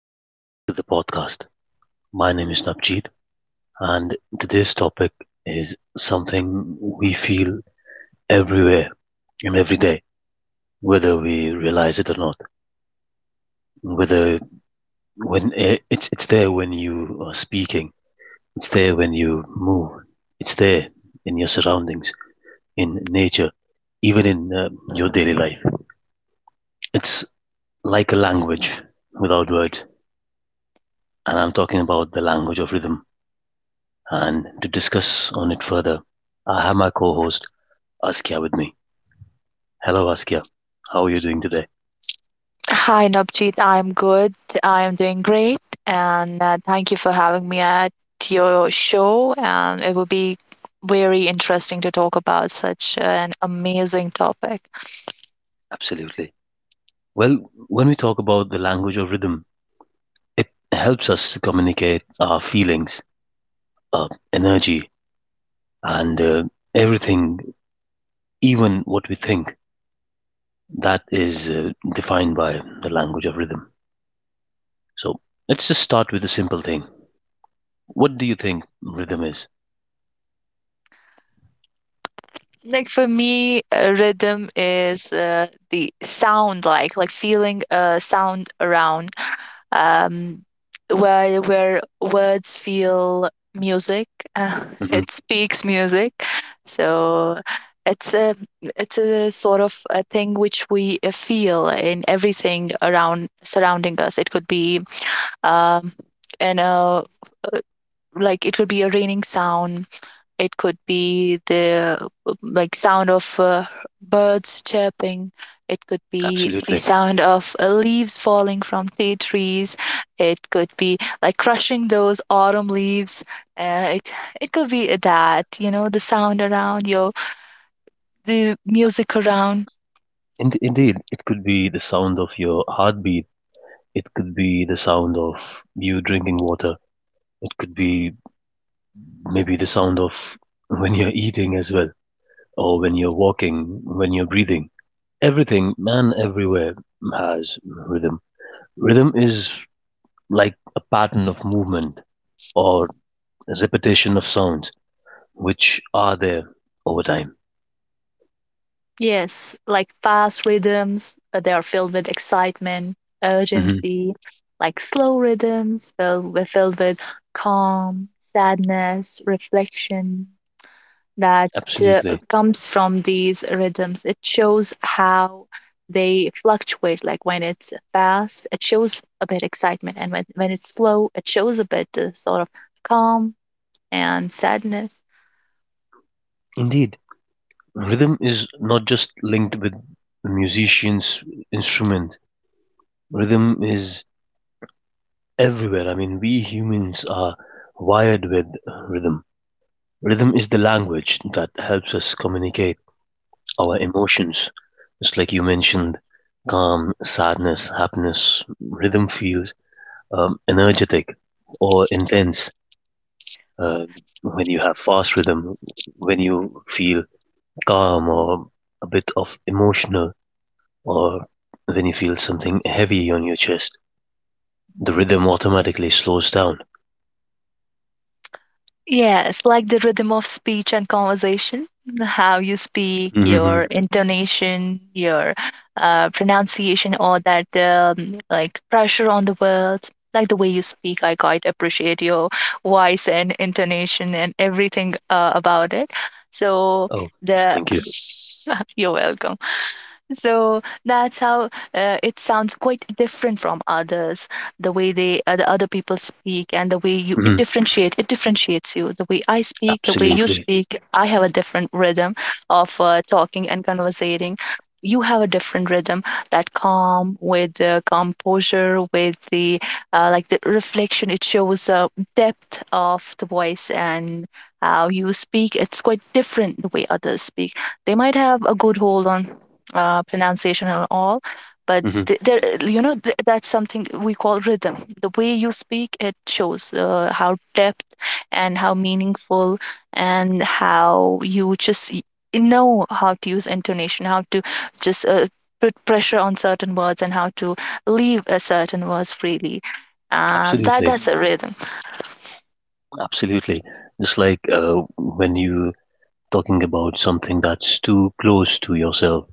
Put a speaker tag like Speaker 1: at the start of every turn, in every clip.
Speaker 1: welcome back to the podcast. My name is Navjeet, and today's topic is something we feel everywhere and every day, whether we realize it or not. Whether when it's there when you are speaking, it's there when you move, it's there in your surroundings, in nature, even in your daily life. It's like a language without words, and I'm talking about the language of rhythm. And to discuss on it further, I have my co-host Askia with me. Hello, Askia. How are you doing today?
Speaker 2: Hi, Navjeet. I'm good. I'm doing great. And thank you for having me at your show. And it will be very interesting to talk about such an amazing topic.
Speaker 1: Absolutely. Well, when we talk about the language of rhythm, it helps us to communicate our feelings, our energy, and everything, even what we think, that is defined by the language of rhythm. So let's just start with a simple thing. What do you think rhythm is?
Speaker 2: Like for me, rhythm is the sound, like feeling a sound around. um, where words feel music.
Speaker 1: Hmm.
Speaker 2: It speaks music, so it's a it's a sort of a thing which we feel in everything around surrounding us. It could be um, in a uh, like it could be a raining sound, it could be the like sound of birds chirping. It could be the
Speaker 1: Absolutely.
Speaker 2: sound of leaves falling from the trees. It could be like crushing those autumn leaves. Uh, it it could be that the sound around your the music around.
Speaker 1: Indeed, it could be the sound of your heartbeat. It could be the sound of you drinking water. It could be maybe the sound of when you're eating as well, or when you're walking, when you're breathing. Everything, man, everywhere has rhythm. Rhythm is like a pattern of movement or a repetition of sounds which are there over time.
Speaker 2: Yes, like fast rhythms, they are filled with excitement,
Speaker 1: Hmm.
Speaker 2: urgency, like slow rhythms filled with calm, sadness, reflection that uh,
Speaker 1: Absolutely.
Speaker 2: comes from these rhythms. It shows how they fluctuate. Like when it's fast, it shows a bit excitement, and when it's slow, it shows a bit sort of calm and sadness.
Speaker 1: Indeed, rhythm is not just linked with the musician's instrument. Rhythm is everywhere. I mean, we humans are wired with rhythm. Rhythm is the language that helps us communicate our emotions. Just like you mentioned, calm, sadness, happiness, rhythm feels energetic or intense. Uh, when you have fast rhythm, when you feel calm or a bit of emotional, or when you feel something heavy on your chest, the rhythm automatically slows down.
Speaker 2: Yes, like the rhythm of speech and conversation, how you speak, your
Speaker 1: Hmm.
Speaker 2: intonation, your pronunciation, all that like pressure on the words, like the way you speak. I quite appreciate your voice and intonation and everything about it. So
Speaker 1: Oh,
Speaker 2: the
Speaker 1: thank you.
Speaker 2: you're welcome. So that's how it sounds quite different from others. The way the other people speak, and the way you it
Speaker 1: Mhm.
Speaker 2: differentiate, it differentiates you. The way I speak, the way you
Speaker 1: Absolutely.
Speaker 2: speak, I have a different rhythm of talking and conversating. You have a different rhythm, that calm with the composure, with the like the reflection. It shows depth of the voice and how you speak. It's quite different the way others speak, they might have a good hold on pronunciation and all, but
Speaker 1: Mhm.
Speaker 2: there that's something we call rhythm. The way you speak, it shows how depth and how meaningful and how you just know how to use intonation, how to just put pressure on certain words and how to leave a certain words freely,
Speaker 1: Absolutely.
Speaker 2: that's a rhythm.
Speaker 1: Absolutely. Just like when you're talking about something that's too close to yourself,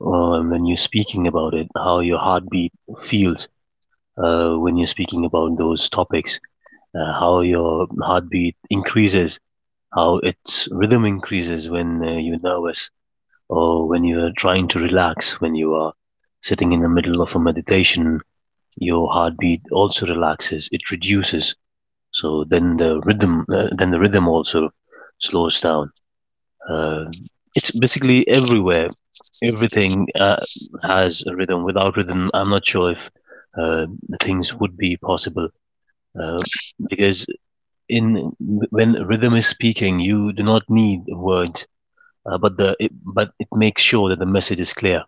Speaker 1: or when you're speaking about it, how your heartbeat feels when you're speaking about those topics, how your heartbeat increases, how its rhythm increases when you're nervous or when you're trying to relax, when you are sitting in the middle of a meditation, your heartbeat also relaxes, it reduces. So then then the rhythm also slows down. Uh, it's basically everywhere. Everything has a rhythm. Without rhythm, I'm not sure if uh, things would be possible. Uh, because in when rhythm is speaking, you do not need words, but it makes sure that the message is clear.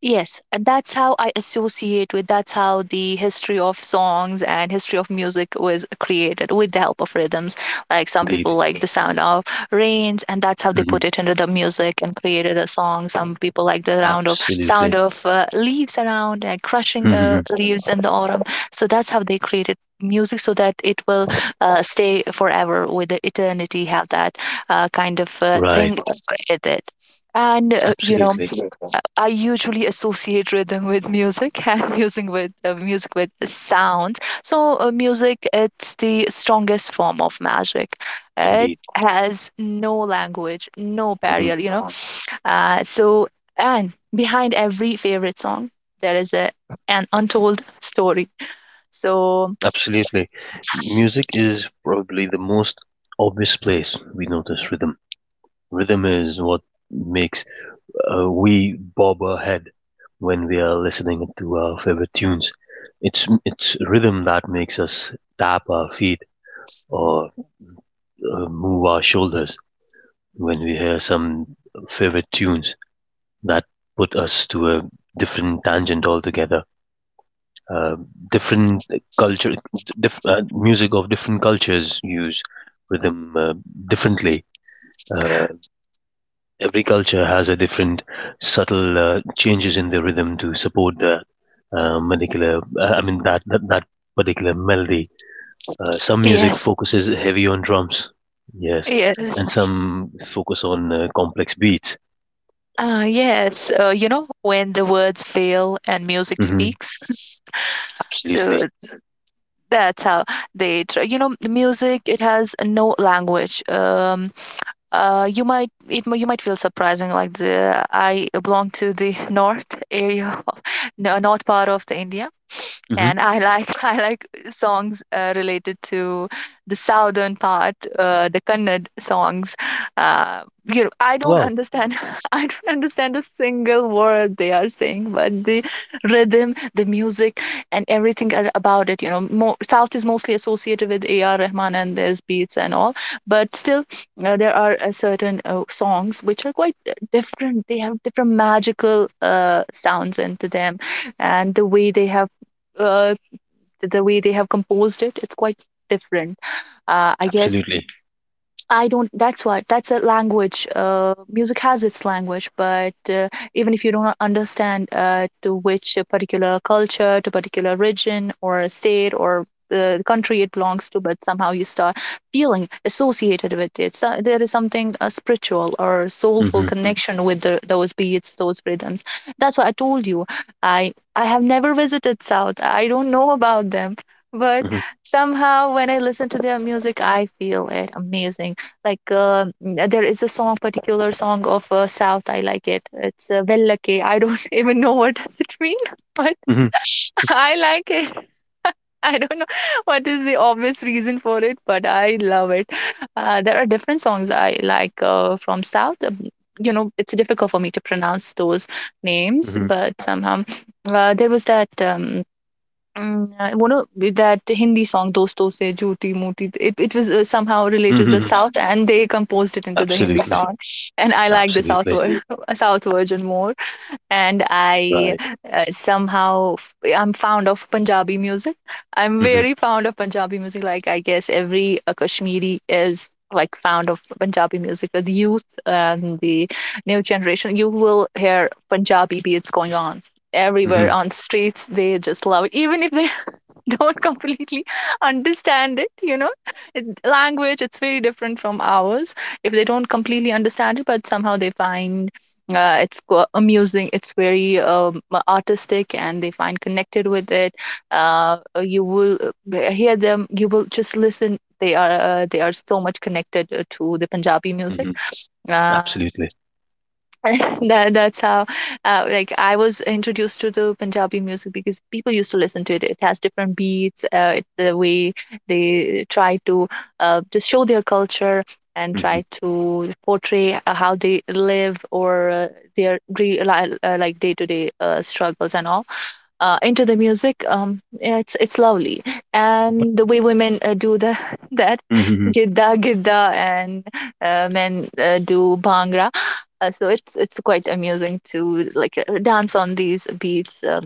Speaker 2: Yes, and that's how I associate with that's how the history of songs and history of music was created with the help of rhythms. Like some people
Speaker 1: Indeed.
Speaker 2: like the sound of rains, and that's how they
Speaker 1: Hmm.
Speaker 2: put it into the music and created a song. Some people like the round of sound
Speaker 1: Absolutely.
Speaker 2: of leaves around and crushing
Speaker 1: Hmm.
Speaker 2: leaves in the autumn. So that's how they created music so that it will stay forever with the eternity, have that kind of
Speaker 1: Right.
Speaker 2: thing with it. And you know,
Speaker 1: Absolutely.
Speaker 2: I usually associate rhythm with music and music with sound. So music, it's the strongest form of magic. It
Speaker 1: Indeed.
Speaker 2: has no language, no barrier,
Speaker 1: Mhm.
Speaker 2: you know. So, and behind every favorite song there is a an untold story. So
Speaker 1: Absolutely. Music is probably the most obvious place we notice rhythm. Rhythm is what makes we bob our head when we are listening to our favorite tunes. It's rhythm that makes us tap our feet or move our shoulders when we hear some favorite tunes that put us to a different tangent altogether. uh, different culture, Music of different cultures use rhythm differently. Uh, every culture has a different subtle changes in the rhythm to support the particular. I mean that that, that particular melody. Some music
Speaker 2: yes,
Speaker 1: focuses heavy on drums, yes,
Speaker 2: yes.
Speaker 1: and some focus on complex beats.
Speaker 2: Yes, you know, when the words fail and music
Speaker 1: Hmm.
Speaker 2: speaks. So
Speaker 1: Absolutely.
Speaker 2: that's how they try. You know, the music, it has no language. You might you might feel surprising. Like the I belong to the north area, no, north part of the India,
Speaker 1: Hmm.
Speaker 2: and I like I like songs related to the southern part, the Kannad songs. You know, I don't
Speaker 1: Well,
Speaker 2: understand I don't understand a single word they are saying, but the rhythm, the music, and everything about it. You know, more, South is mostly associated with A.R. Rahman and his beats and all, but still there are certain songs which are quite different. They have different magical sounds into them, and uh, the way they have composed it, it's quite different. I guess
Speaker 1: absolutely.
Speaker 2: I don't. That's what. That's a language. Music has its language, but even if you don't understand to which particular culture, to particular region or state or the country it belongs to, but somehow you start feeling associated with it. So there is something spiritual or soulful
Speaker 1: Hmm.
Speaker 2: connection with those beats, those rhythms. That's why I told you. I have never visited South. I don't know about them, but
Speaker 1: Hmm.
Speaker 2: somehow when I listen to their music, I feel it amazing. Like there is a song particular song of south, I like it. It's vellake. I don't even know what does it mean, but
Speaker 1: Hmm.
Speaker 2: I like it. I don't know what is the obvious reason for it, but I love it. There are different songs I like from south. You know, it's difficult for me to pronounce those names,
Speaker 1: Hmm.
Speaker 2: but somehow there was that one of that Hindi song, "Dosto Se Jhooti Mooti." It was somehow related to the
Speaker 1: Hmm.
Speaker 2: South, and they composed it into the Hindi
Speaker 1: Absolutely.
Speaker 2: song. And I like the
Speaker 1: Absolutely.
Speaker 2: South version more. And I
Speaker 1: Right.
Speaker 2: somehow I'm fond of Punjabi music. I'm
Speaker 1: Hmm.
Speaker 2: very fond of Punjabi music. Like I guess every Kashmiri is like fond of Punjabi music. The youth and the new generation, you will hear Punjabi beats going on everywhere
Speaker 1: Hmm.
Speaker 2: on streets. They just love it, even if they don't completely understand it. You know, language, it's very different from ours. If they don't completely understand it, but somehow they find it's amusing. It's very artistic, and they find connected with it. You will Hear them, you will just listen, they are so much connected to the Punjabi music.
Speaker 1: Hmm.
Speaker 2: uh,
Speaker 1: Absolutely.
Speaker 2: that that's how like I was introduced to the Punjabi music because people used to listen to it. It has different beats, the way they try to just show their culture and try
Speaker 1: Hmm.
Speaker 2: to portray how they live, or their real, like day to day struggles and all into the music. Yeah, it's lovely,
Speaker 1: But,
Speaker 2: and the way women do the that
Speaker 1: hmm,
Speaker 2: gidda gidda, and men do bhangra. So it's quite amusing to like dance on these beats.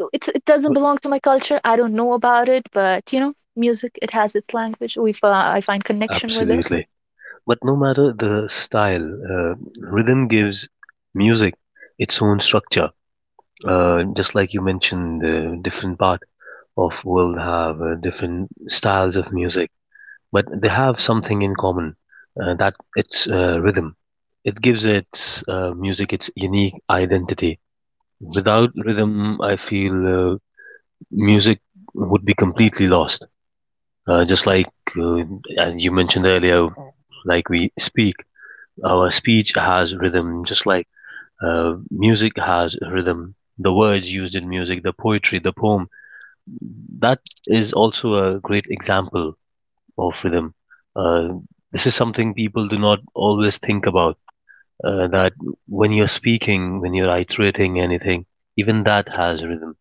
Speaker 2: So it's, it doesn't belong to my culture, I don't know about it, but you know, music, it has its language, we I find connection with
Speaker 1: absolutely. But no matter the style, uh, rhythm gives music its own structure. Just like you mentioned, different part of world have different styles of music, but they have something in common, that it's rhythm. It gives its music its unique identity. Without rhythm, I feel music would be completely lost. Just like uh, as you mentioned earlier, like we speak, our speech has rhythm, just like music has rhythm. The words used in music, the poetry, the poem, that is also a great example of rhythm. Uh, this is something people do not always think about. That when you're speaking, when you're iterating anything, even that has rhythm.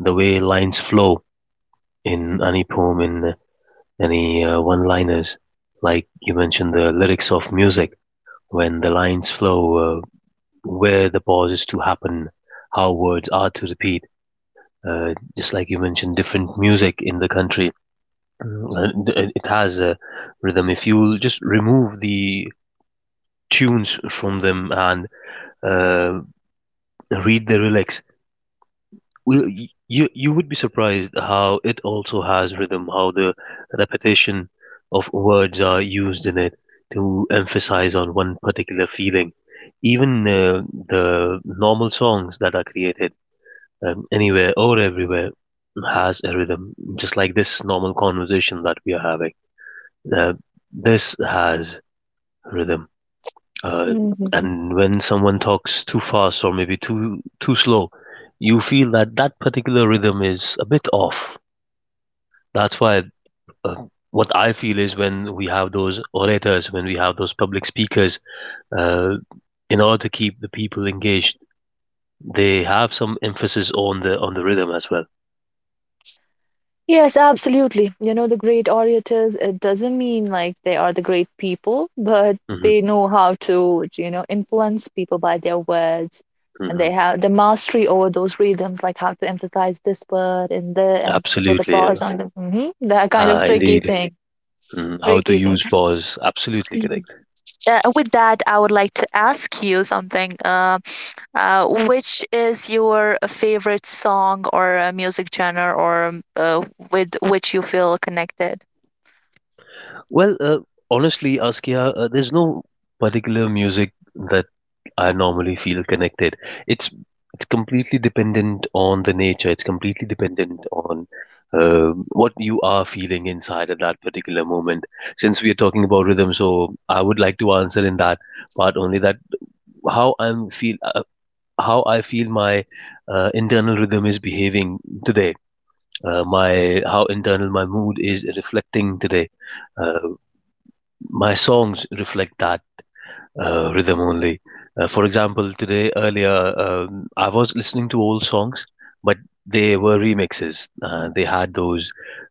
Speaker 1: The way lines flow in any poem, in any one-liners. Like you mentioned the lyrics of music, when the lines flow, where the pauses to happen, how words are to repeat. Just like you mentioned, different music in the country, mm, and it has a rhythm. If you just remove the tunes from them and uh, read the lyrics, well, you would be surprised how it also has rhythm, how the repetition of words are used in it to emphasize on one particular feeling. Even the normal songs that are created anywhere or everywhere has a rhythm, just like this normal conversation that we are having. Uh, this has rhythm. Uh,
Speaker 2: it.
Speaker 1: and when someone talks too fast or maybe too slow, you feel that particular rhythm is a bit off. That's why uh, what I feel is when we have those orators, when we have those public speakers, uh, in order to keep the people engaged, they have some emphasis on the rhythm as well.
Speaker 2: Yes, absolutely. You know, the great orators, it doesn't mean like they are the great people, but
Speaker 1: Hmm.
Speaker 2: they know how to, you know, influence people by their words. And
Speaker 1: Hmm.
Speaker 2: they have the mastery over those rhythms, like how to emphasize this word and the and put the
Speaker 1: Absolutely,
Speaker 2: bars on them. That kind of
Speaker 1: ah,
Speaker 2: tricky
Speaker 1: indeed.
Speaker 2: thing.
Speaker 1: Mm, how to
Speaker 2: Tricky thing.
Speaker 1: use pause? Absolutely
Speaker 2: Mhm.
Speaker 1: correct.
Speaker 2: With that, I would like to ask you something. Which is your favorite song, or music genre, or with which you feel connected?
Speaker 1: Well, honestly, Askia, there's no particular music that I normally feel connected. It's it's completely dependent on the nature. It's completely dependent on what you are feeling inside at that particular moment. Since we are talking about rhythm, so I would like to answer in that part only that how I'm feel uh, how I feel my internal rhythm is behaving today. My How internal my mood is reflecting today, uh, my songs reflect that rhythm only. For example, today earlier, I was listening to old songs, but they were remixes. They had those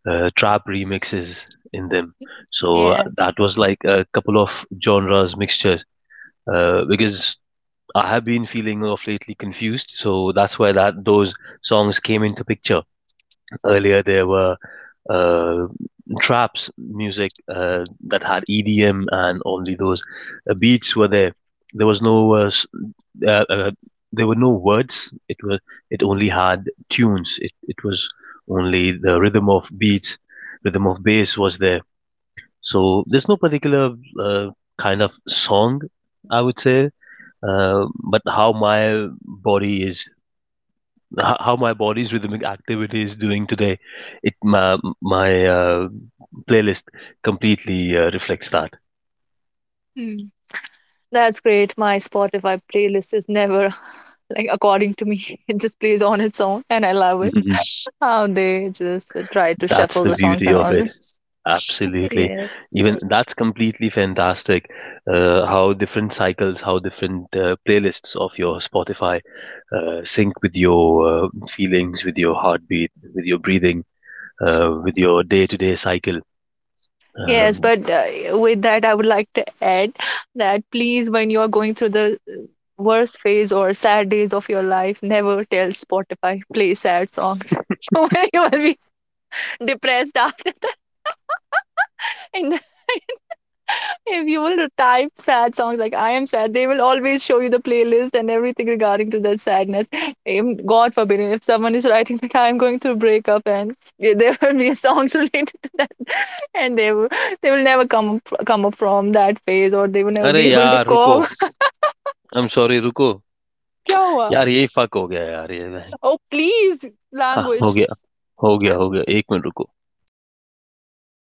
Speaker 1: trap remixes in them. So
Speaker 2: Yeah.
Speaker 1: that was like a couple of genres mixtures because I have been feeling of lately confused. So that's why that those songs came into picture. Earlier, there were uh, traps music that had EDM and only those beats were there. There was no uh, uh, there were no words. It was it only had tunes. It was only the rhythm of beats, rhythm of bass was there. So there's no particular uh, kind of song, I would say. But how my body is how my body's rhythmic activity is doing today. It my my playlist completely reflects that.
Speaker 2: Mm. That's great. My Spotify playlist is never like according to me. It just plays on its own and I love it.
Speaker 1: Mhm.
Speaker 2: How they just try to
Speaker 1: That's
Speaker 2: shuffle
Speaker 1: the
Speaker 2: the songs
Speaker 1: beauty
Speaker 2: and
Speaker 1: of
Speaker 2: all.
Speaker 1: it.
Speaker 2: This.
Speaker 1: Absolutely,
Speaker 2: Yeah.
Speaker 1: even that's completely fantastic. How different cycles, how different playlists of your Spotify sync with your feelings, with your heartbeat, with your breathing, with your day-to-day cycle.
Speaker 2: Yes,
Speaker 1: Um
Speaker 2: but with that I would like to add that, please, when you are going through the worst phase or sad days of your life, never tell Spotify play sad songs. When you will be depressed after that. In the, if you will type sad songs like I am sad, they will always show you the playlist and everything regarding to that sadness. God forbid, if someone is writing that I am going through breakup, and yeah, there will be songs related to that, and they will never come up from that phase, or they will never be able to cope. Kya hua? Oh please, language.